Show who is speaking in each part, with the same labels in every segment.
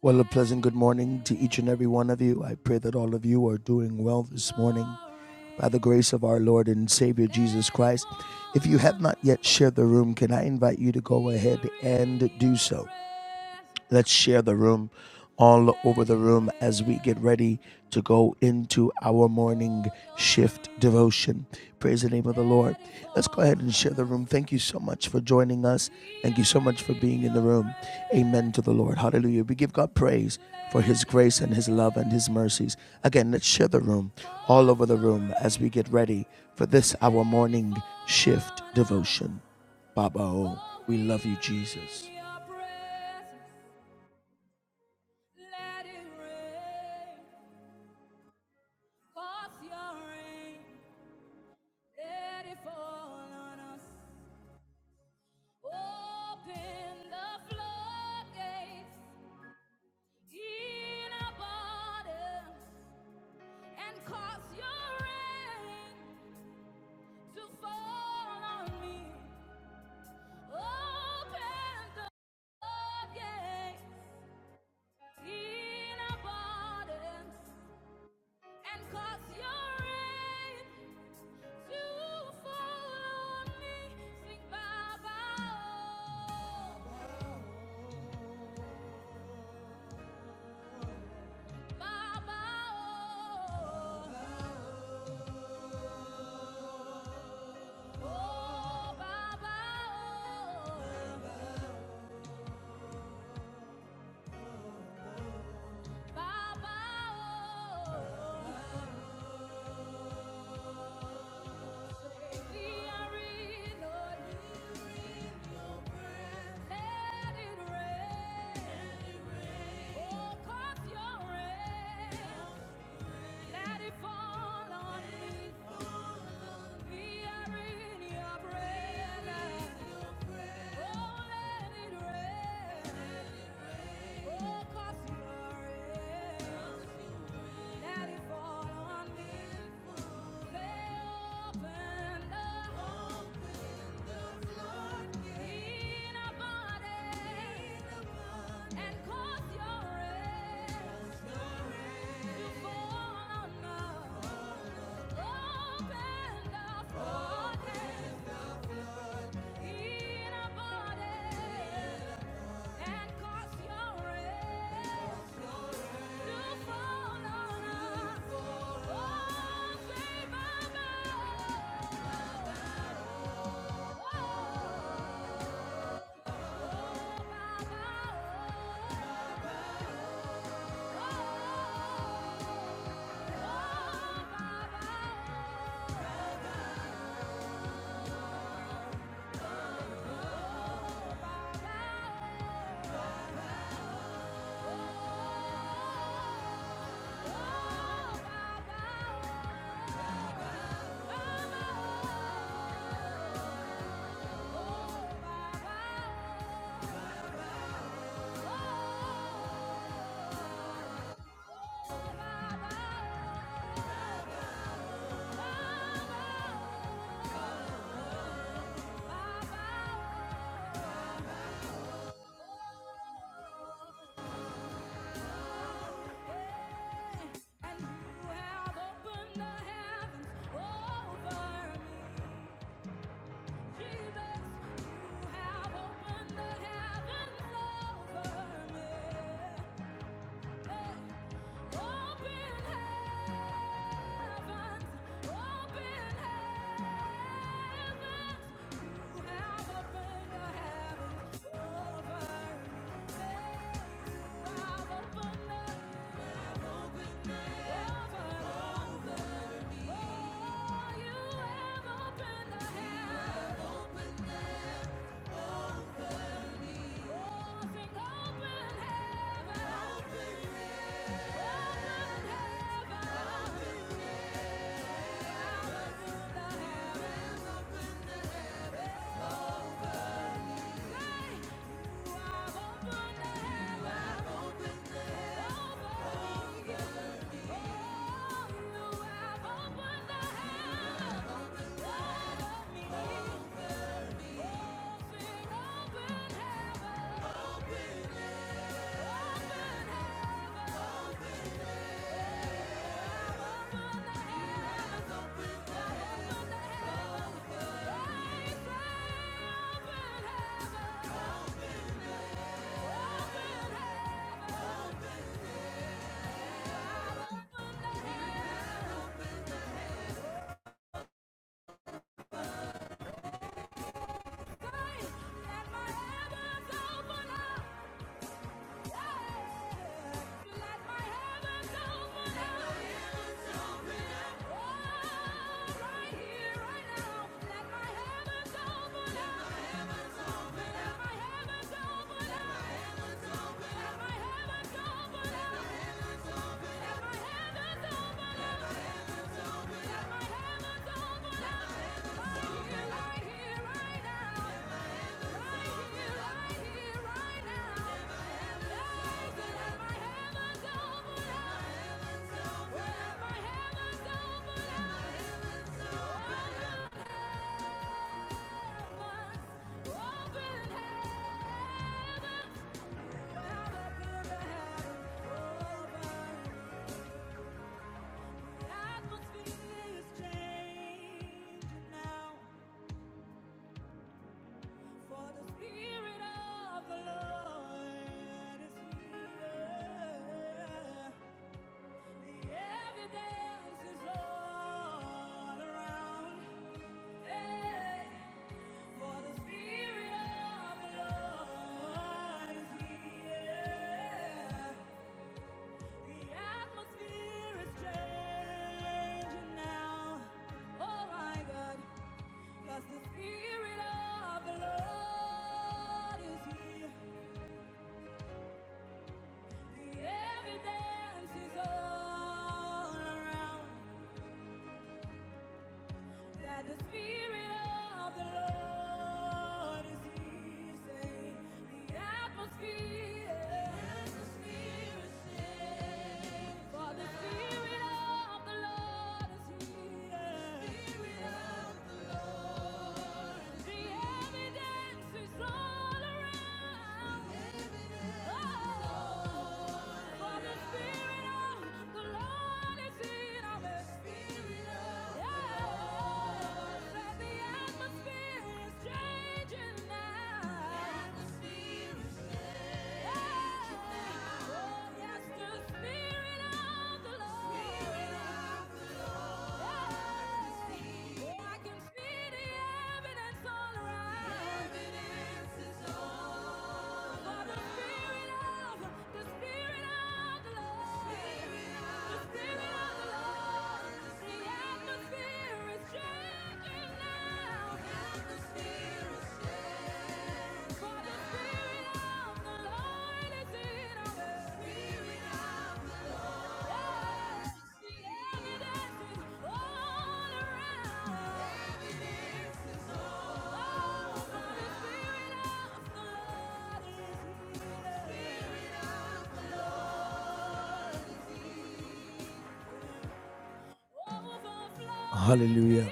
Speaker 1: Well, a pleasant good morning to each and every one of you. I pray that all of you are doing well this morning by the grace of our Lord and Savior Jesus Christ. If you have not yet shared the room, can I invite you to go ahead and do so? Let's share the room all over the room as we get ready to go into our morning shift devotion. Praise the name of the Lord. Let's go ahead and share the room. Thank you so much for joining us. Thank you so much for being in the room. Amen to the Lord. Hallelujah. We give God praise for his grace and his love and his mercies. Again, let's share the room all over the room as we get ready for this our morning shift devotion. Baba, oh, we love you, Jesus. Hallelujah.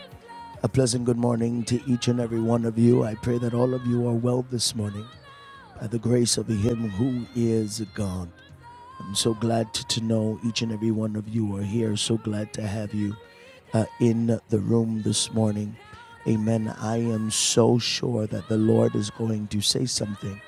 Speaker 1: A pleasant good morning to each and every one of you. I pray that all of you are well this morning by the grace of Him who is God. I'm so glad to, to know each and every one of you are here. So glad to have you uh, in the room this morning. Amen. I am so sure that the Lord is going to say something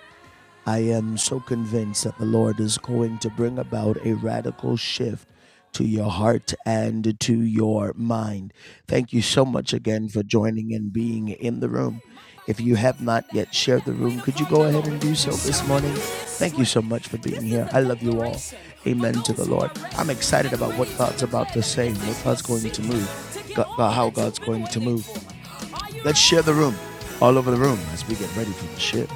Speaker 1: I am so convinced that the Lord is going to bring about a radical shift to your heart and to your mind. Thank you so much again for joining and being in the room. If you have not yet shared the room, could you go ahead and do so this morning? Thank you so much for being here. I love you all. Amen to the Lord. I'm excited about what God's about to say, what God's going to move, God, uh, how God's going to move. Let's share the room all over the room as we get ready for the shift.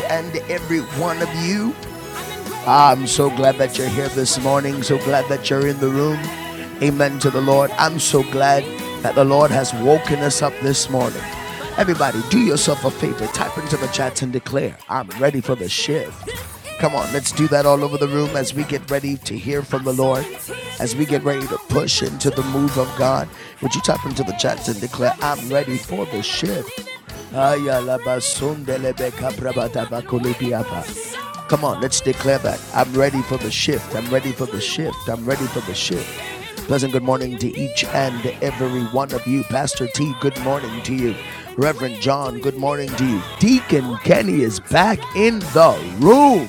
Speaker 1: and every one of you. I'm so glad that you're here this morning. So glad that you're in the room. Amen to the Lord. I'm so glad that the Lord has woken us up this morning. Everybody, do yourself a favor. Type into the chats and declare, I'm ready for the shift. Come on, let's do that all over the room as we get ready to hear from the Lord, as we get ready to push into the move of God. Would you type into the chats and declare, I'm ready for the shift? Come on, let's declare that. I'm ready for the shift. I'm ready for the shift. I'm ready for the shift. Pleasant good morning to each and every one of you. Pastor T, good morning to you. Reverend John, good morning to you. Deacon Kenny is back in the room.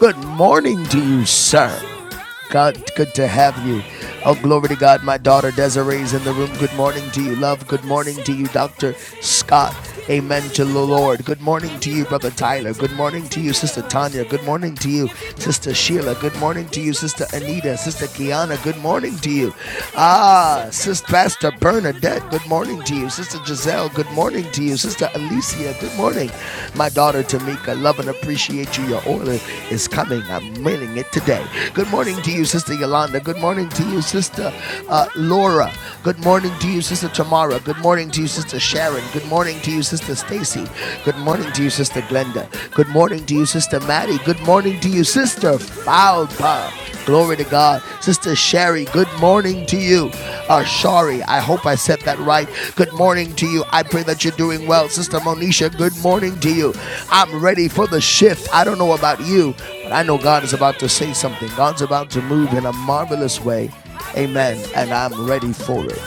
Speaker 1: Good morning to you, sir. God, good to have you. Oh, glory to God. My daughter Desiree is in the room. Good morning to you, love. Good morning to you, Dr. Scott. Amen to the Lord. Good morning to you, Brother Tyler. Good morning to you, Sister Tanya. Good morning to you, Sister Sheila. Good morning to you, Sister Anita. Sister Kiana. Good morning to you. Ah, Sister Pastor Bernadette. Good morning to you, Sister Sister Giselle, good morning to you. Sister Alicia, good morning. My daughter Tamika, love and appreciate you. Your oil is coming. I'm mailing it today. Good morning to you, Sister Yolanda. Good morning to you, Sister uh, Laura. Good morning to you, Sister Tamara. Good morning to you, Sister Sharon. Good morning to you, Sister Stacy. Good morning to you, Sister Glenda. Good morning to you, Sister Maddie. Good morning to you, Sister Fowler. Glory to God. Sister Sherry, good morning to you. Uh, Shari, I hope I said that right. Good morning to you. I pray that you're doing well. Sister Monisha, good morning to you. I'm ready for the shift. I don't know about you, but I know God is about to say something. God's about to move in a marvelous way. Amen. And I'm ready for it.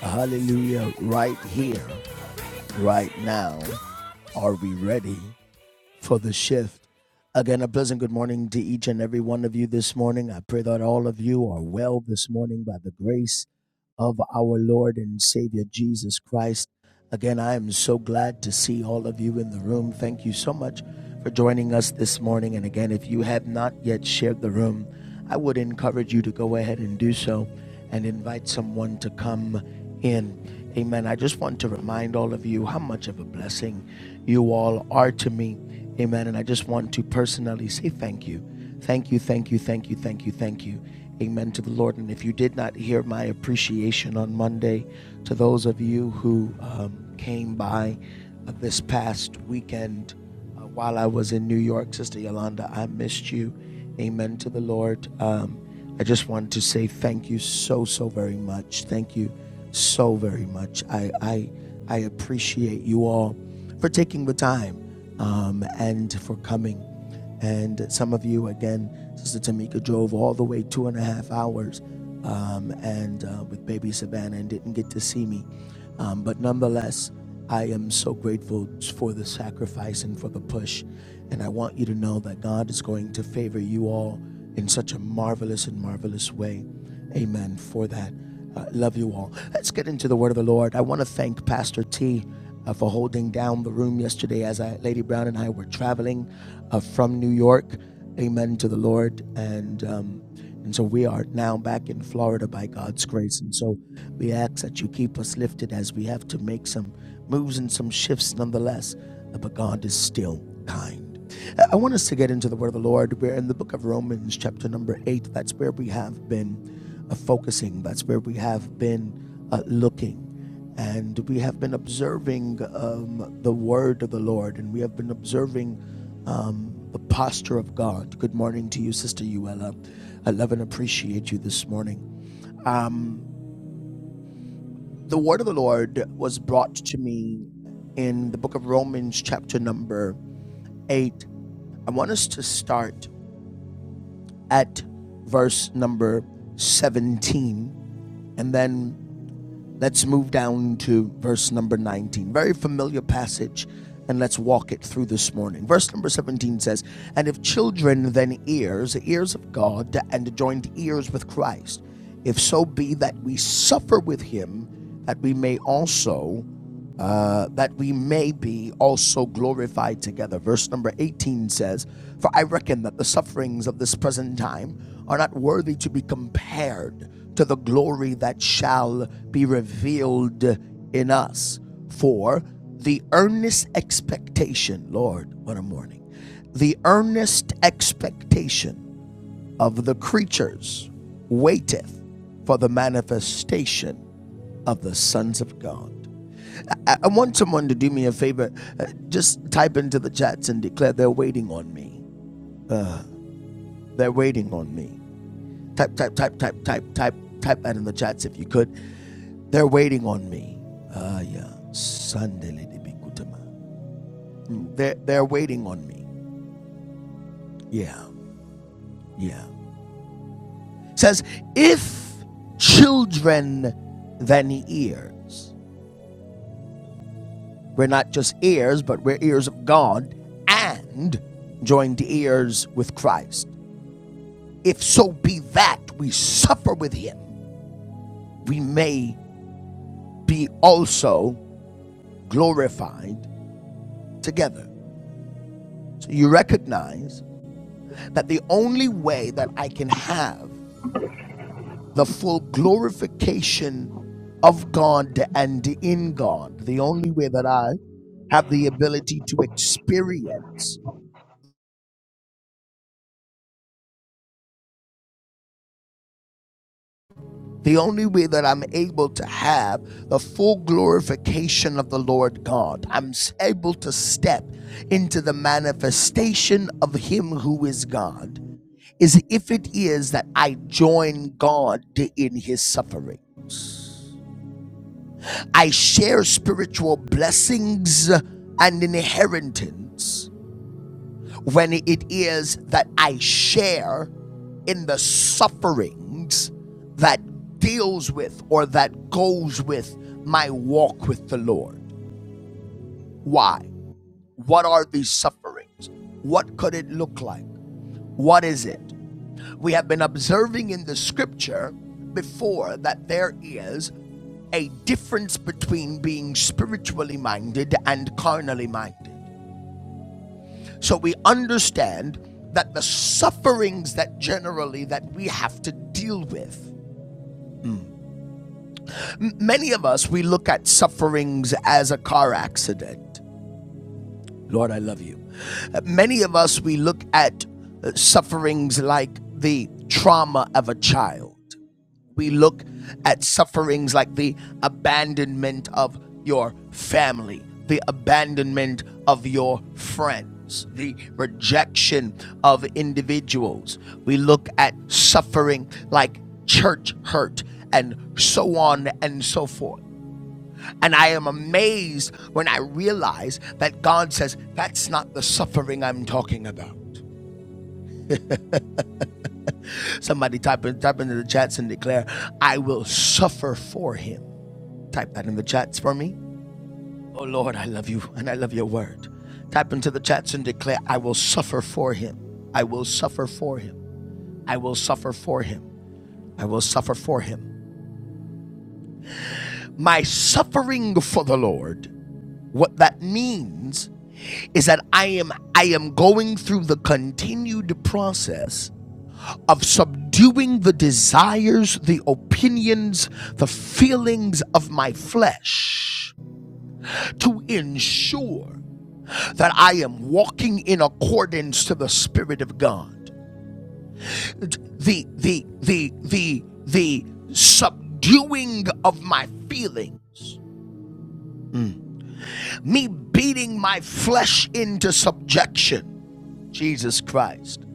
Speaker 1: Hallelujah. Right here, right now. Are we ready for the shift. Again, a pleasant good morning to each and every one of you this morning. I pray that all of you are well this morning by the grace of our Lord and Savior Jesus Christ. Again, I am so glad to see all of you in the room. Thank you so much for joining us this morning. And again, if you have not yet shared the room, I would encourage you to go ahead and do so and invite someone to come in. Amen. I just want to remind all of you how much of a blessing you all are to me. Amen. And I just want to personally say thank you. Thank you, thank you, thank you, thank you, thank you. Amen to the Lord. And if you did not hear my appreciation on Monday, to those of you who um, came by uh, this past weekend uh, while I was in New York, Sister Yolanda, I missed you. Amen to the Lord. Um, I just wanted to say thank you so so very much. Thank you so very much. I I I appreciate you all for taking the time um, and for coming. And some of you again, Sister Tamika drove all the way two and a half hours um, and uh, with baby Savannah and didn't get to see me. Um, but nonetheless, I am so grateful for the sacrifice and for the push. And I want you to know that God is going to favor you all in such a marvelous and marvelous way. Amen for that. Uh, love you all. Let's get into the word of the Lord. I want to thank Pastor T uh, for holding down the room yesterday as I, Lady Brown and I were traveling uh, from New York. Amen to the Lord. And um, and so we are now back in Florida by God's grace. And so we ask that you keep us lifted as we have to make some moves and some shifts nonetheless. But God is still kind. I want us to get into the word of the Lord. We're in the book of Romans, chapter number eight. That's where we have been uh, focusing, that's where we have been uh, looking. And we have been observing um, the word of the Lord, and we have been observing the posture of God. Good morning to you, Sister Uella. I love and appreciate you this morning. The word of the Lord was brought to me in the book of Romans, chapter number eight. I want us to start at verse number 17, and then Let's move down to verse number 19. Very familiar passage, and let's walk it through this morning. Verse number 17 says, And if children, then ears, ears of God, and joined ears with Christ, if so be that we suffer with him, that we may also uh, that we may be also glorified together. Verse number 18 says, For I reckon that the sufferings of this present time are not worthy to be compared to the glory that shall be revealed in us. For the earnest expectation, Lord, what a morning, the earnest expectation of the creatures waiteth for the manifestation of the sons of God. I, I want someone to do me a favor. Uh, just type into the chats and declare they're waiting on me. They're waiting on me. Type, type, type, type, type, type, type that in the chats if you could. They're waiting on me. Ah, yeah. Sunday, Lady Bikutama. Mm, They're, they're waiting on me. Yeah, yeah. Says, if children then ears, we're not just ears, but we're ears of God and joined ears with Christ. If so be that we suffer with him, we may be also glorified together. So you recognize that the only way that I can have the full glorification of God and in God, the only way that I have the ability to experience the only way that I'm able to have the full glorification of the Lord God, I'm able to step into the manifestation of Him who is God, is if it is that I join God in His suffering. I share spiritual blessings and inheritance when it is that I share in the sufferings that deals with or that goes with my walk with the Lord. Why? What are these sufferings? What could it look like? What is it? We have been observing in the scripture before that there is a difference between being spiritually minded and carnally minded. So we understand that the sufferings that generally that we have to deal with. M- many of us we look at sufferings as a car accident. Lord, I love you. Uh, Many of us we look at uh, sufferings like the trauma of a child. we look at sufferings like the abandonment of your family, the abandonment of your friends, the rejection of individuals. We look at suffering like church hurt and so on and so forth. And I am amazed when I realize that God says, That's not the suffering I'm talking about. Somebody type, in, type into the chats and declare, I will suffer for him. Type that in the chats for me. Oh Lord, I love you and I love your word. Type into the chats and declare, I will suffer for him. I will suffer for him. I will suffer for him. I will suffer for him. My suffering for the Lord, what that means is that I am I am going through the continued process of subduing the desires, the opinions, the feelings of my flesh to ensure that I am walking in accordance to the Spirit of God. The the the the the subduing of my feelings, me beating my flesh into subjection, Jesus Christ,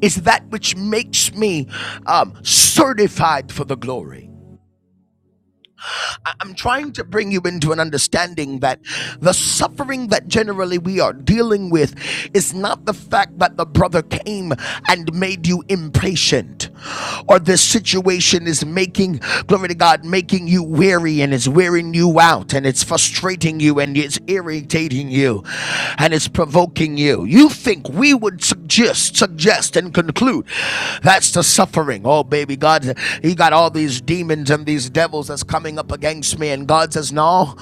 Speaker 1: is that which makes me um, certified for the glory. I- I'm trying to bring you into an understanding that the suffering that generally we are dealing with is not the fact that the brother came and made you impatient or this situation is making glory to God making you weary and it's wearing you out and it's frustrating you and it's irritating you and it's provoking you. You think we would suggest suggest and conclude that's the suffering. Oh baby God he got all these these demons and these devils that's coming up against me. And God says, No,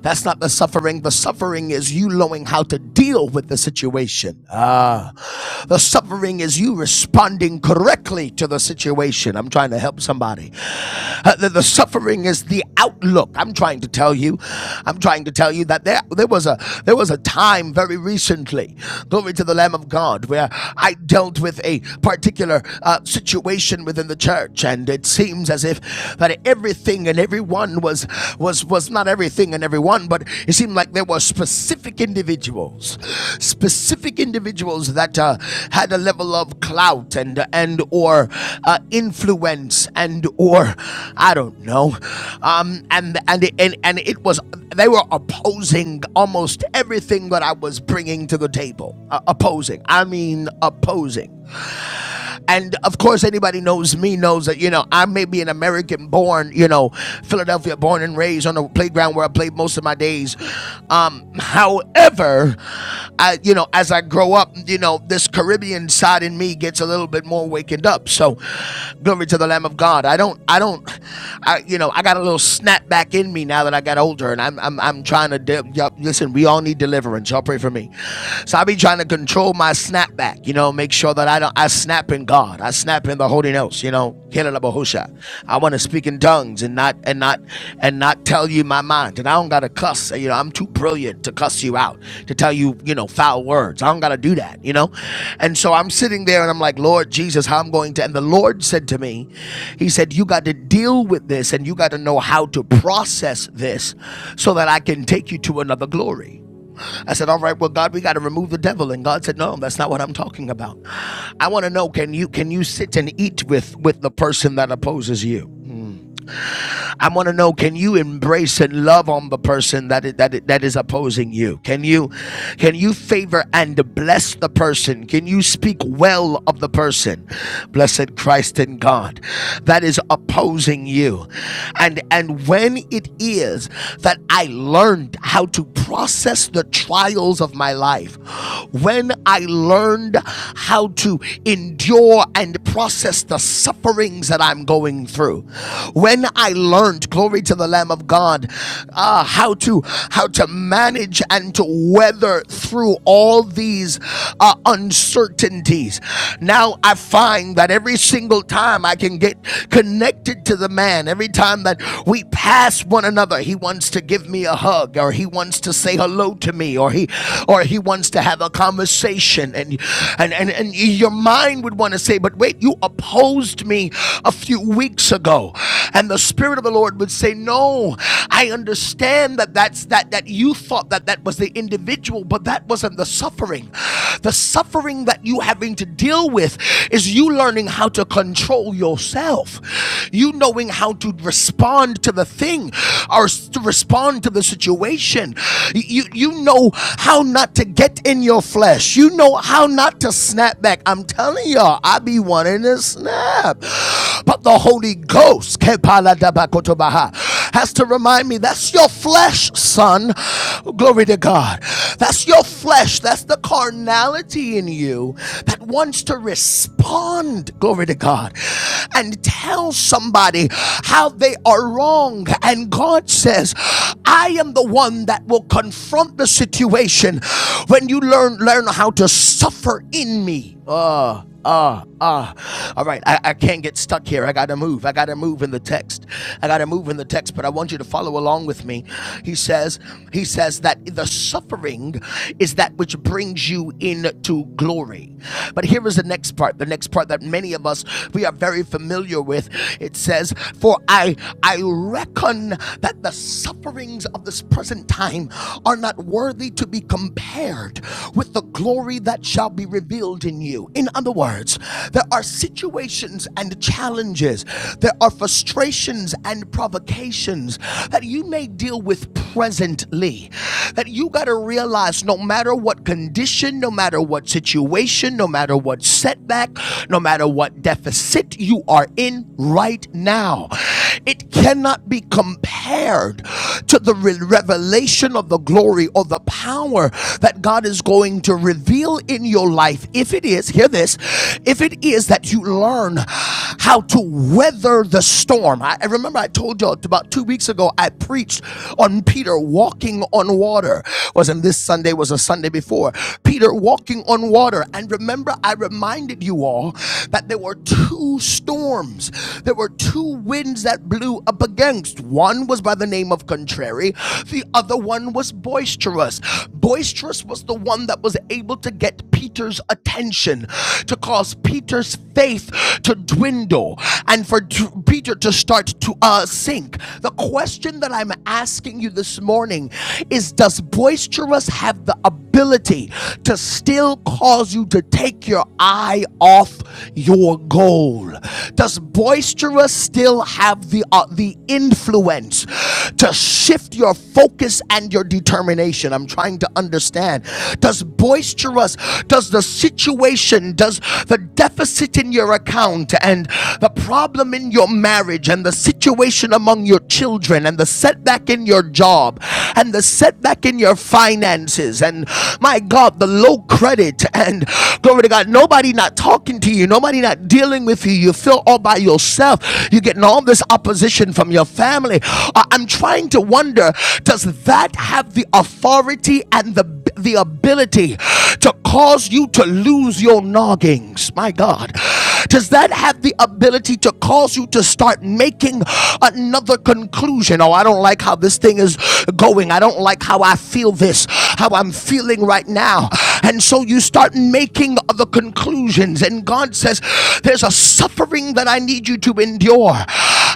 Speaker 1: that's not the suffering. The suffering is you knowing how to deal with the situation. Ah, the suffering is you responding correctly to the situation. I'm trying to help somebody. Uh, the, the suffering is the outlook. I'm trying to tell you. I'm trying to tell you that there there was a there was a time very recently, glory to the Lamb of God, where I dealt with a particular uh, situation situation within the church, and it seems as if that everything and everyone was was was not everything and everyone, but it seemed like there were specific individuals, specific individuals that uh, had a level of clout and and or uh, influence and or I don't know, um, and and and and it was they were opposing almost everything that I was bringing to the table. Uh, opposing, I mean opposing. And of course, anybody knows me knows that, you know, I may be an American born, you know, Philadelphia born and raised on the playground where I played most of my days. Um, however, I, you know, as I grow up, you know, this Caribbean side in me gets a little bit more wakened up. So glory to the Lamb of God. I don't, I don't, I, you know, I got a little snap back in me now that I got older and I'm, I'm, I'm trying to, de- yup, listen, we all need deliverance. Y'all pray for me. So I be trying to control control my snapback. You know, make sure that I don't. I snap in God. I snap in the Holy Ghost. You know, Kelelabahusha. I want to speak in tongues and not and not and not tell you my mind. And I don't gotta cuss. You know, I'm too brilliant to cuss you out to tell you you know foul words. I don't gotta do that. You know, and so I'm sitting there and I'm like, Lord Jesus, how I'm going to. And the Lord said to me, He said, you got to deal with this and you got to know how to process this, so that I can take you to another glory. I said, All right, well, God, we got to remove the devil. And God said, No, that's not what I'm talking about. I want to know can you can you sit and eat with with the person that opposes you? I want to know can you embrace and love on the person that is, that is, that is opposing you? Can you can you favor and bless the person? Can you speak well of the person? Blessed Christ and God that is opposing you. And and when it is that I learned how to process the trials of my life, when I learned how to endure and process the sufferings that I'm going through, when I learned, glory to the Lamb of God, uh, how to how to manage and to weather through all these uh, uncertainties. Now I find that every single time I can get connected to the man, every time that we pass one another, he wants to give me a hug, or he wants to say hello to me, or he or he wants to have a conversation, and and and, and your mind would want to say, but wait, you opposed me a few weeks weeks ago. And the Spirit of the Lord would say, No, I understand that that's that that you thought that that was the individual, but that wasn't the suffering. The suffering that you having to deal with is you learning how to control yourself. You knowing how to respond to the thing or to respond to the situation. You you know how not to get in your flesh. You know how not to snap back. I'm telling y'all, I be wanting to snap. But the Holy Ghost has to remind me that's your flesh, son. Glory to God. That's your flesh. That's the carnality in you that wants to respond, glory to God, and tell somebody how they are wrong. And God says, I am the one that will confront the situation when you learn learn how to suffer in me. Ah. Ah, uh, ah. Uh. All right, I, I can't get stuck here. I gotta move. I gotta move in the text. I gotta move in the text, but I want you to follow along with me. He says, he says that the suffering is that which brings you into glory. But here is the next part, the next part that many of us we are very familiar with. It says, For I I reckon that the sufferings of this present time are not worthy to be compared with the glory that shall be revealed in you you. In other words, there are situations and challenges, there are frustrations and provocations that you may deal with presently. That you got to realize no matter what condition, no matter what situation, no matter what setback, no matter what deficit you are in right now, it cannot be compared to the re- revelation of the glory or the power that God is going to reveal in your life life, if it is, hear this, if it is that you learn how to weather the storm. I, I remember I told y'all about two weeks ago, I preached on Peter walking on water. Wasn't this Sunday, was a Sunday before. Peter walking on water. And remember, I reminded you all that there were two storms, there were two winds that blew up against. One was by the name of contrary, the other one was boisterous. Boisterous was the one that was able to get get Peter's attention, to cause Peter's faith to dwindle and for Peter to start to uh, sink. The question that I'm asking you this morning is Does boisterous have the ability to still cause you to take your eye off your goal? Does boisterous still have the, uh, the influence to shift your focus and your determination. I'm trying to understand. Does boisterous, does the situation, does the deficit in your account and the problem in your marriage and the situation among your children and the setback in your job and the setback in your finances and my God, the low credit and glory to God, nobody not talking to you, nobody not dealing with you. You feel all by yourself. you getting all this opposition from your family. Uh, I'm trying to wonder does that have the authority and the, the ability to cause you to lose your noggings? My God. Does that have the ability to cause you to start making another conclusion? Oh, I don't like how this thing is going. I don't like how I feel this, how I'm feeling right now. And so you start making other conclusions. And God says, There's a suffering that I need you to endure.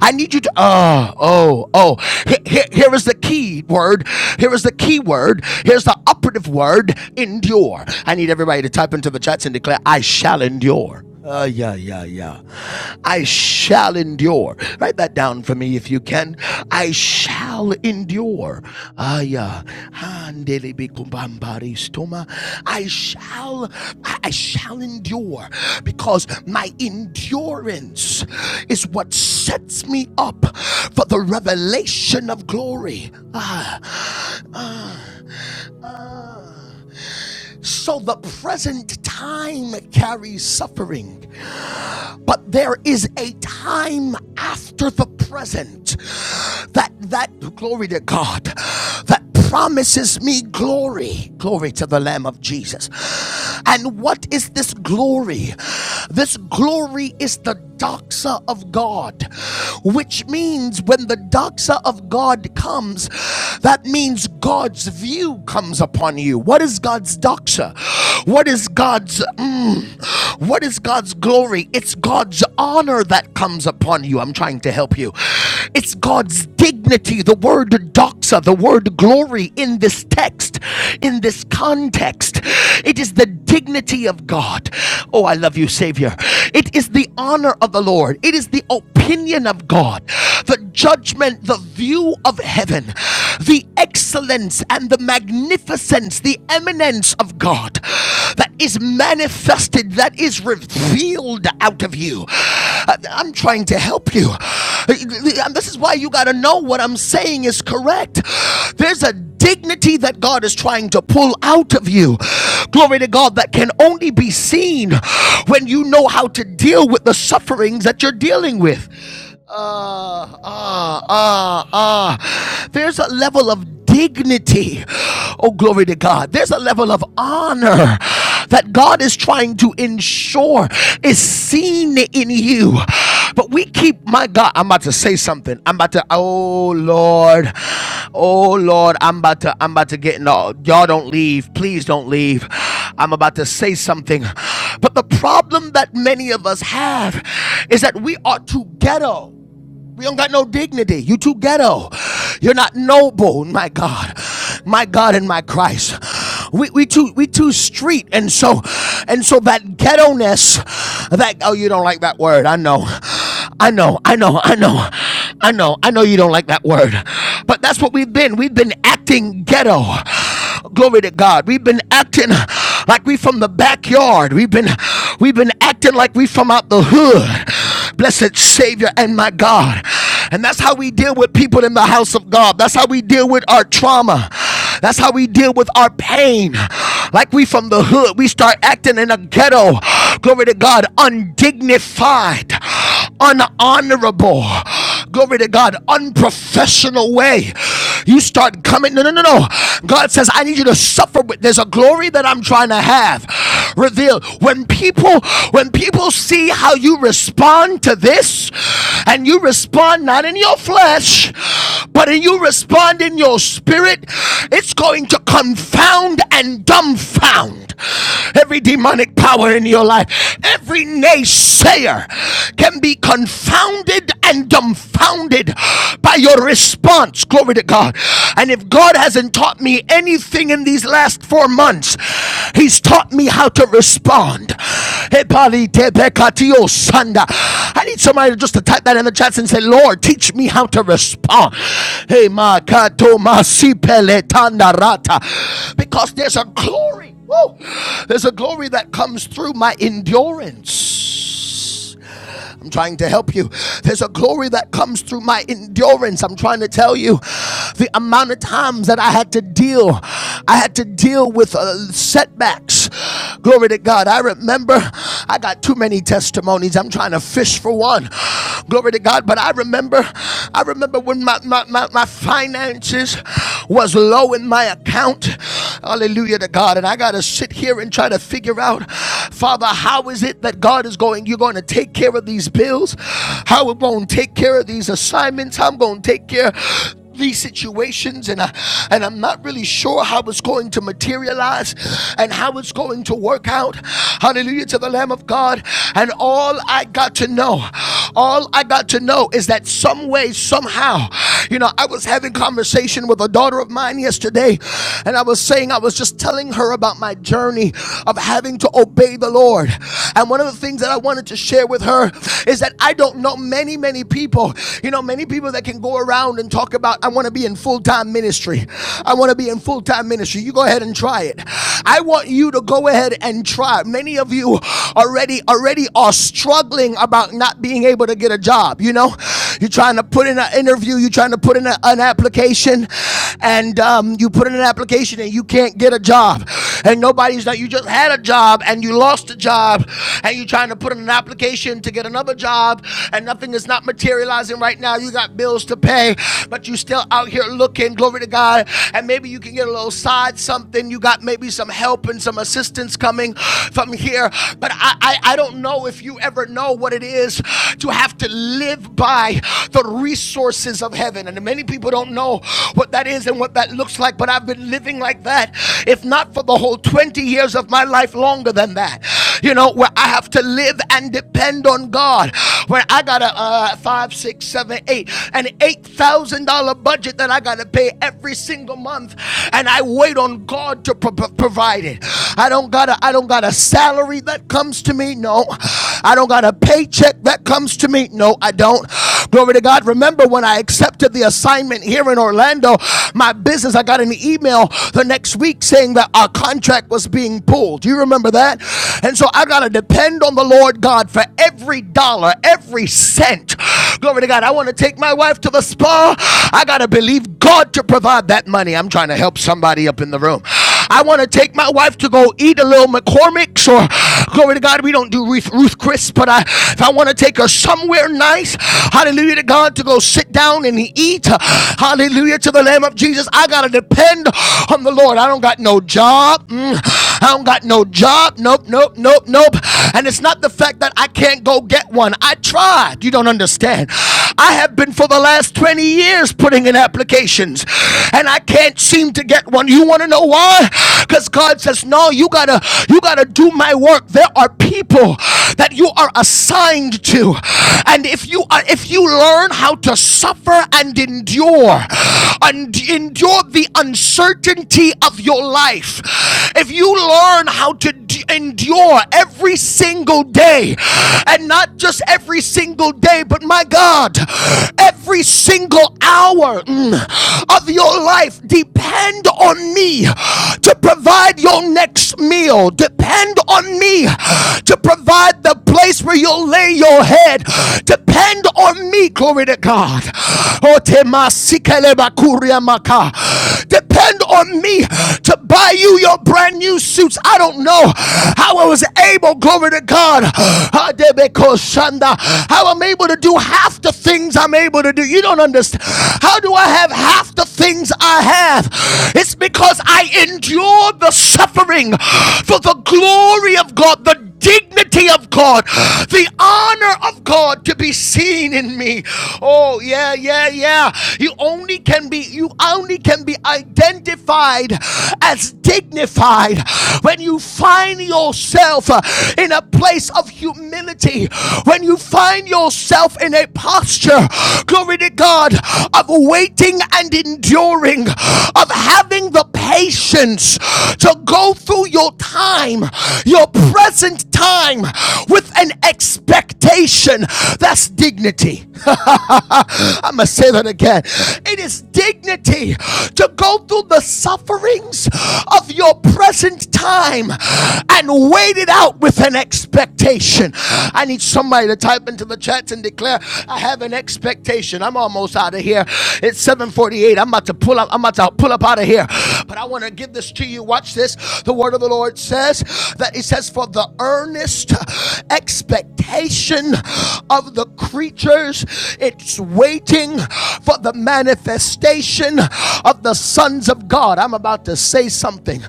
Speaker 1: I need you to, oh, oh, oh. Here, here, here is the key word. Here is the key word. Here's the operative word endure. I need everybody to type into the chats and declare, I shall endure. Uh, yeah, yeah, yeah. I shall endure. Write that down for me if you can. I shall shall endure. Aya, handele bikubambari stoma. I shall, I shall endure because my endurance is what sets me up for the revelation of glory. Ah, ah, ah. So the present time carries suffering, but there is a time after the present that that glory to God that promises me glory. Glory to the Lamb of Jesus. And what is this glory? This glory is the doxa of God, which means when the doxa of God comes, that means God's view comes upon you. What is God's doxa? What is God's mm, what is God's glory? It's God's honor that comes upon you. I'm trying to help you. It's God's dignity. The word doxa, the word glory in this text, in this context, it is the dignity of God. Oh, I love you, Savior. It is the honor of the Lord. It is the opinion of God, the judgment, the view of heaven, the excellence and the magnificence, the eminence preeminence of God that is manifested, that is revealed out of you. I- am trying to help you. Uh, this is why you got to know what I'm saying is correct. There's a dignity that God is trying to pull out of you. Glory to God that can only be seen when you know how to deal with the sufferings that you're dealing with. Ah, ah, ah, ah. There's a level of dignity. Oh, glory to God. There's a level of honor that God is trying to ensure is seen in you. But we keep, my God God, I'm about to say something. I'm about to, oh Lord, oh Lord, I'm about to, I'm about to get in. the- Y'all don't leave. Please don't leave. I'm about to say something. But the problem that many of us have is that we are too ghetto. We don't got no dignity. You too ghetto. You're not noble, my God. My God and my Christ. We, we too we too street and so and so that ghetto ness that oh you don't like that word I know I know I know I know I know I know you don't like that word but that's what we've been we've been acting ghetto Glory to God. We've been acting like we from the backyard. We've been we've been acting like we from out the hood. Blessed Savior and my God. And that's how we deal with people in the house of God. That's how we deal with our trauma. That's how we deal with our pain. Like we from the hood, we start acting in a ghetto. Glory to God, undignified unhonorable, glory to God, unprofessional way, you start coming. No, no, no, no. God says, I need you to suffer with there's a glory that I'm trying to have. Reveal when people when people see how you respond to this, and you respond not in your flesh, but in you respond in your spirit, it's going to confound and dumbfound every demonic power in your life, every naysayer, can be confounded and dumbfounded by your response. Glory to God. And if God hasn't taught me anything in these last four months, He's taught me how to respond. I need somebody just to type that in the chat and say, Lord, teach me how to respond. Hey, si Because there's a glory. Woo! There's a glory that comes through my endurance. I'm trying to help you. There's a glory that comes through my endurance. I'm trying to tell you the amount of times that I had to deal, I had to deal with uh, setbacks. Glory to God. I remember I got too many testimonies. I'm trying to fish for one. Glory to God. But I remember, I remember when my, my, my, my finances was low in my account. Hallelujah to God. And I got to sit here and try to figure out, Father, how is it that God is going, you're going to take care of these bills? How are we going to take care of these assignments? How I'm going to take care these situations and I, and I'm not really sure how it's going to materialize and how it's going to work out. Hallelujah to the Lamb of God. And all I got to know, all I got to know is that some way, somehow, you know, I was having conversation with a daughter of mine yesterday and I was saying, I was just telling her about my journey of having to obey the Lord. And one of the things that I wanted to share with her is that I don't know many, many people. You know, many people people that can go around and talk about, I want to be in full time ministry. I want to be in full time ministry. You go ahead and try it. I want you to go ahead and try. Many of you already already are struggling about not being able to get a job. You know, you're trying to put in an interview, you're trying to put in a- an application, and um, you put in an application and you can't get a job. And nobody's that you just had a job and you lost a job, and you're trying to put in an application to get another job, and nothing is is not materializing right now. You got bills to pay, but you still out here looking. Glory to God. And maybe you can get a little side something. You got maybe some help and some assistance coming from here. But I, I, I don't know if you ever know what it is to have to live by the resources of heaven. And many people don't know what that is and what that looks like, but I've been living like that, if not for the whole 20 years of my life, longer than that you know, where I have to live and depend on God, where I got a uh, five, six, seven, eight, an eight thousand dollar budget that I got to pay every single month, and I wait on God to pro- provide it. I don't got a, I don't got a salary that comes to me. No, I don't got a paycheck that comes to me. No, I don't. Glory to God. Remember when I accepted the assignment here in Orlando, my business, I got an email the next week saying that our contract was being pulled. Do you remember that? And so I got to depend on the Lord God for every dollar, every cent. Glory to God. I want to take my wife to the spa. I got to believe God to provide that money. I'm trying to help somebody up in the room. I want to take my wife to go eat a little McCormick's or glory to God. We don't do Ruth, Chris, but I, if I want to take her somewhere nice, hallelujah to God, to go sit down and eat, hallelujah to the Lamb of Jesus. I got to depend on the Lord. I don't got no job. Mm, I don't got no job. Nope, nope, nope, nope. And it's not the fact that I can't go get one. I tried. You don't understand. I have been for the last 20 years putting in applications and I can't seem to get one. You want to know why? Because God says, No, you gotta you gotta do my work. There are people that you are assigned to. And if you are if you learn how to suffer and endure and endure the uncertainty of your life, if you learn how to do endure every single day. And not just every single day, but my God, every single hour mm, of your life. Depend on me to provide your next meal. Depend on me to provide the place where you'll lay your head. Depend on me, glory to God. Depend on me to buy you your your brand new suits. I don't know how I was able, glory to God, how I'm able to do half the things I'm able to do. You don't understand. How do I have half the things I have? It's because I endured the suffering for the glory of God, the dignity of God, the honor of God to be seen in me. Oh, yeah, yeah, yeah. You only can be, you only can be identified as dignified when you find yourself uh, in a place of humility, when you find yourself in a posture, glory to God, of waiting and enduring remembering of having the patience to go through your time, your present time, with an expectation. That's dignity. I'm going to say that again. It is dignity to go through the sufferings of your present time and wait it out with an expectation. I need somebody to type into the chats and declare, I have an expectation. I'm almost out of here. It's 7:48. I'm about to pull up. I'm about to pull up out of here. But I want to give this to you. Watch this. The word of the Lord says that it says, For the earnest expectation of the creatures, it's waiting for the manifestation of the sons of God. I'm about to say something.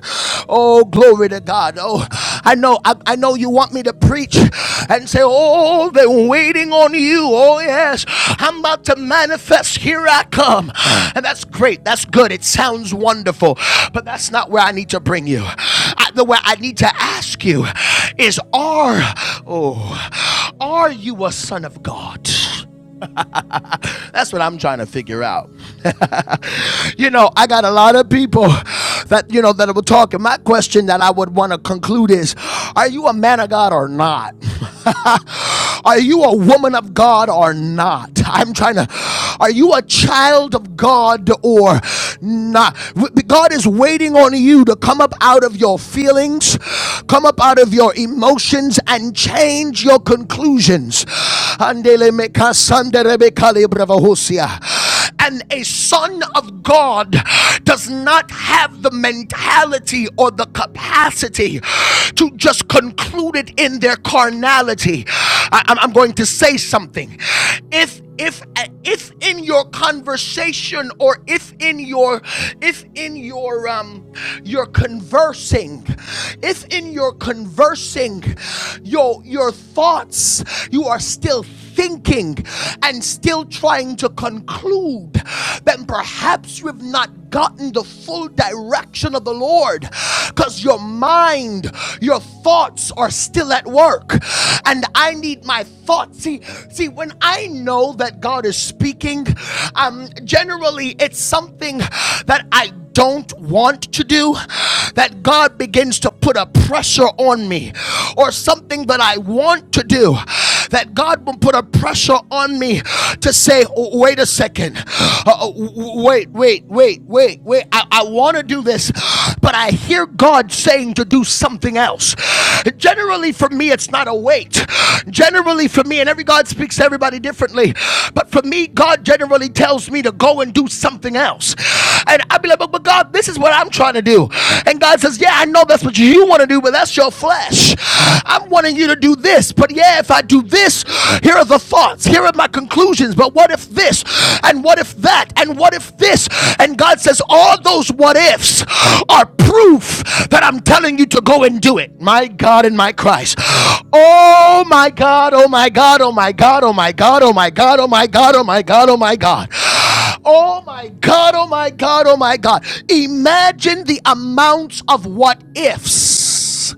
Speaker 1: Oh, glory to God. Oh, I know, I, I know you want me to preach and say, Oh, they're waiting on you. Oh, yes, I'm about to manifest. Here I come. And that's great. That's good. It sounds wonderful. But that's not where I need to bring you. I, the way I need to ask you is, Are, oh, are you a son of God? That's what I'm trying to figure out. You know, I got a lot of people that, you know, that were talking. my question that I would want to conclude is Are you a man of God or not? are you a woman of God or not? I'm trying to. Are you a child of God or not? God is waiting on you to come up out of your feelings, come up out of your emotions, and change your conclusions. And a son of God does not have the mentality or the capacity to just conclude it in their carnality. I, am going to say something. If if if in your conversation or if in your if in your um your conversing if in your conversing your your thoughts you are still thinking and still trying to conclude, then perhaps you have not gotten the full direction of the Lord because your mind, your thoughts are still at work. And I need my thoughts. See, see, when I know that God is speaking, um, generally it's something that I don't want to do, that God begins to put a pressure on me, or something that I want to do, that God will put a pressure on me to say, "Oh, wait a second, Uh, wait, wait, wait, wait, wait. I, I want to do this, but I hear God saying to do something else. Generally, for me, it's not a wait. Generally, for me, and every God speaks to everybody differently, but for me, God generally tells me to go and do something else. And I'd be like, but, but God, this is what I'm trying to do. And God says, Yeah, I know that's what you want to do, but that's your flesh. I'm wanting you to do this, but yeah, if I do this, here are the thoughts, here are my conclusions, but what if this, and what if that, and what if this? And God says, all those what ifs are proof that I'm telling you to go and do it. My God and my Christ. Oh my God, oh my God, oh my God, oh my God, oh my God, oh my God, oh my God, oh my God, oh my God. Oh my God. Oh my God, oh my God, oh my God. Imagine the amounts of what ifs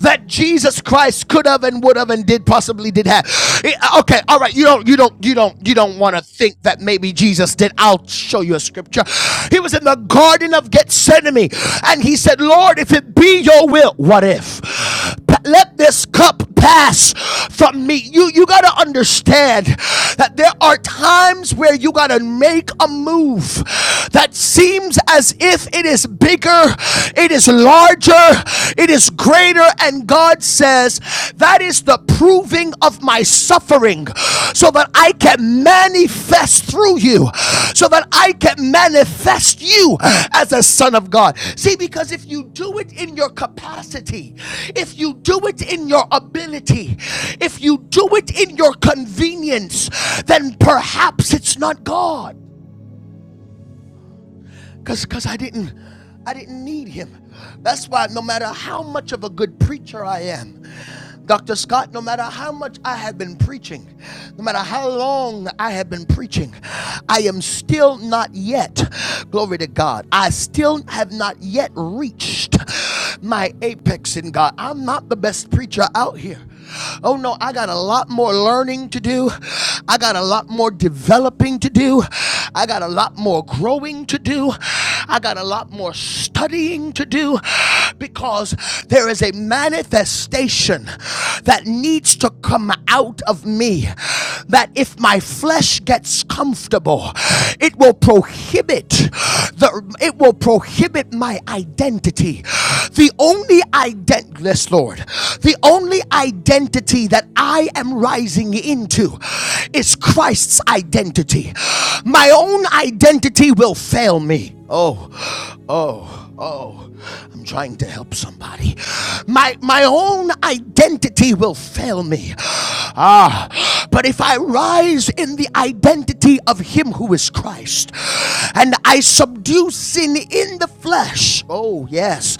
Speaker 1: that Jesus Christ could have and would have and did possibly did have. Eh, Okay, all right, you don't you don't you don't you don't want to think that maybe Jesus did. I'll show you a scripture. He was in the garden of Gethsemane and he said, "Lord, if it be your will, what if?" Let this cup pass from me. You you got to understand that there are times where you got to make a move that seems as if it is bigger, it is larger, it is greater and God says that is the proving of my suffering covering so that I can manifest through you, so that I can manifest you as a son of God. See, because if you do it in your capacity, if you do it in your ability, if you do it in your convenience, then perhaps it's not God. Cause, cause I didn't, I didn't need him. That's why no matter how much of a good preacher I am, Dr. Scott, no matter how much I have been preaching, no matter how long I have been preaching, I am still not yet, glory to God, I still have not yet reached my apex in God. I'm not the best preacher out here. Oh no, I got a lot more learning to do. I got a lot more developing to do. I got a lot more growing to do. I got a lot more studying to do because there is a manifestation that needs to come out of me. That if my flesh gets comfortable, it will prohibit the it will prohibit my identity, the only identity, yes, Lord, the only identity that I am rising into is Christ's identity. My own identity will fail me. Oh, oh, oh. I'm trying to help somebody. My my own identity will fail me. Ah, but if I rise in the identity of him who is Christ and I subdue sin in the flesh. Oh, yes.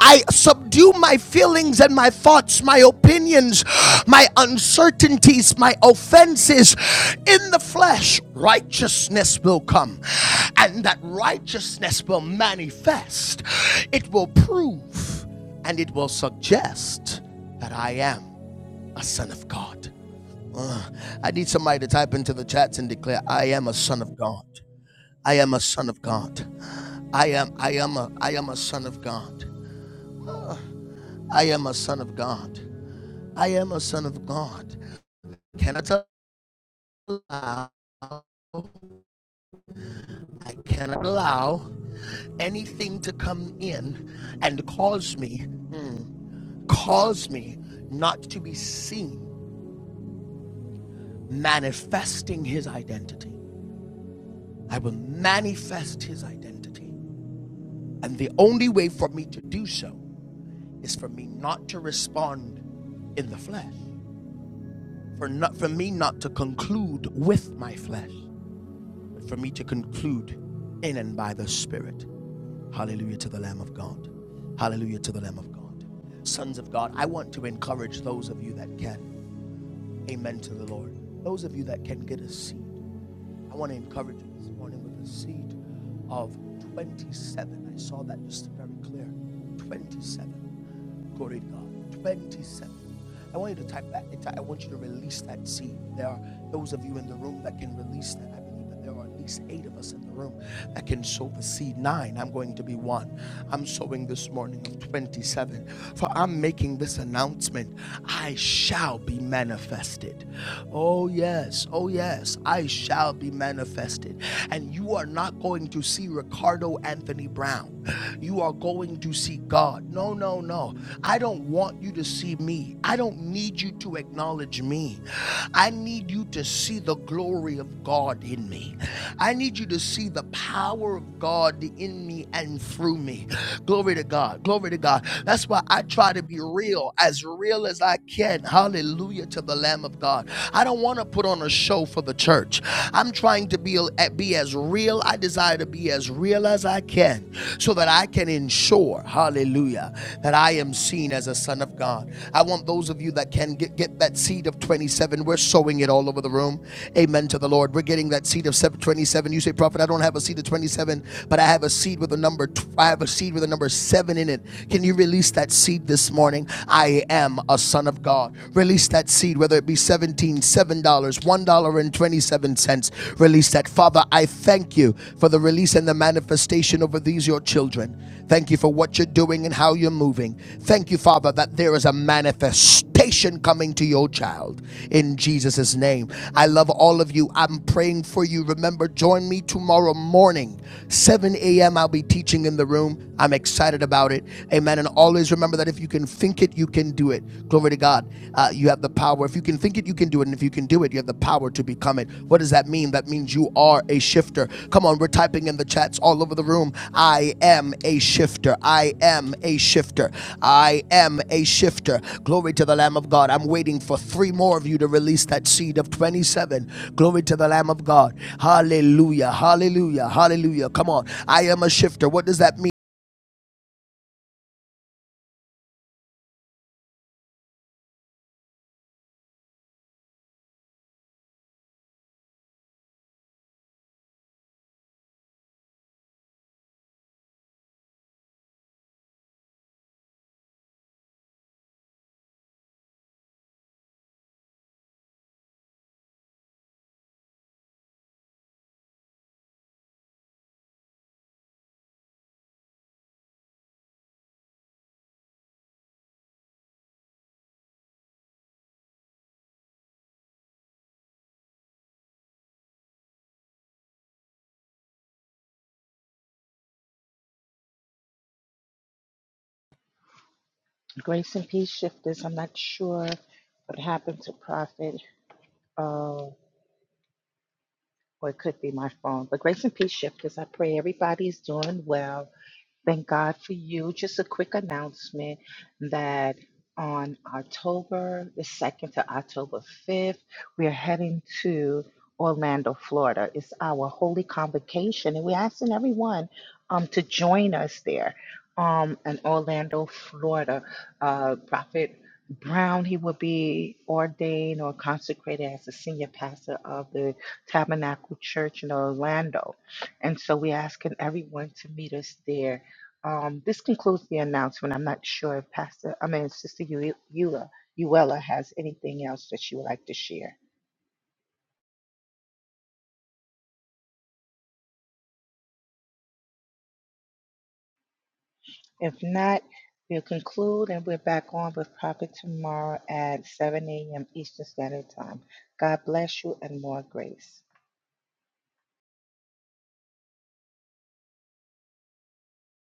Speaker 1: I subdue my feelings and my thoughts, my opinions, my uncertainties, my offenses in the flesh, righteousness will come. And that righteousness will manifest. It will prove and it will suggest that I am a son of God. Uh, I need somebody to type into the chats and declare, I am a son of God. I am a son of God. I am I am a I am a son of God. I am a son of God. I am a son of God. Cannot allow, I cannot allow anything to come in and cause me, mm, cause me not to be seen manifesting his identity. I will manifest his identity. And the only way for me to do so is for me not to respond in the flesh, for, not, for me not to conclude with my flesh, but for me to conclude in and by the Spirit. Hallelujah to the Lamb of God. Hallelujah to the Lamb of God. Sons of God, I want to encourage those of you that can. Amen to the Lord. Those of you that can get a seed. I want to encourage you this morning with a seed of 27. I saw that just very clear. 27. Glory to God. 27. I want you to type that. I want you to release that seed. There are those of you in the room that can release that. I believe that there are at least eight of us in the room that can sow the seed. Nine. I'm going to be one. I'm sowing this morning of 27. For I'm making this announcement. I shall be manifested. Oh, yes. Oh, yes. I shall be manifested. And you are not going to see Ricardo Anthony Brown. Brown. You are going to see God. No, no, no. I don't want you to see me. I don't need you to acknowledge me. I need you to see the glory of God in me. I need you to see the power of God in me and through me. Glory to God. Glory to God. That's why I try to be real, as real as I can. Hallelujah to the Lamb of God. I don't want to put on a show for the church. I'm trying to be be, be as real. I desire to be as real as I can so that I can ensure, hallelujah, that I am seen as a son of God. I want those of you that can get, get that seed of 27. We're sowing it all over the room. Amen to the Lord. We're getting that seed of seven- 27. You say, Prophet, I don't have a seed of 27, but I have a seed with a number. I have a seed with a number seven in it. Can you release that seed this morning? I am a son of God. Release that seed, whether it be seven. Seventeen seven $1.27. Release that. Father, I thank you for the release and the manifestation over these, your children. Thank you for what you're doing and how you're moving. Thank you, Father, that there is a manifestation coming to your child in Jesus' name. I love all of you. I'm praying for you. Remember, join me tomorrow morning, 7 a.m. I'll be teaching in the room. I'm excited about it. Amen. And always remember that if you can think think it, you can do it. Glory to God. Uh, you have the power. If you can think it, you can do it. And if you can do it, you have the power to become it. What does that mean? That means you are a shifter. Come on, we're typing in the chats all over the room. I am a shifter. I am a shifter. I am a shifter. Glory to the Lamb of God. I'm waiting for three more of you to release that seed of 27. Glory to the Lamb of God. Hallelujah. Hallelujah. Hallelujah. Come on. I am a shifter. What does that mean?
Speaker 2: Grace and peace shifters. I'm not sure what happened to Prophet. Oh, or it could be my phone. But grace and peace shifters. I pray everybody's doing well. Thank God for you. Just a quick announcement that on October the 2nd to October 5th, we are heading to Orlando, Florida. It's our holy convocation, and we're asking everyone um, to join us there um, in Orlando, Florida. Uh, Prophet Brown, he will be ordained or consecrated as the senior pastor of the Tabernacle Church in Orlando. And so we're asking everyone to meet us there um, this concludes the announcement. I'm not sure if Pastor, I mean, Sister Eu- Eula, Uella has anything else that she would like to share. If not, we'll conclude and we're back on with Prophet tomorrow at 7 a.m. Eastern Standard Time. God bless you and more grace.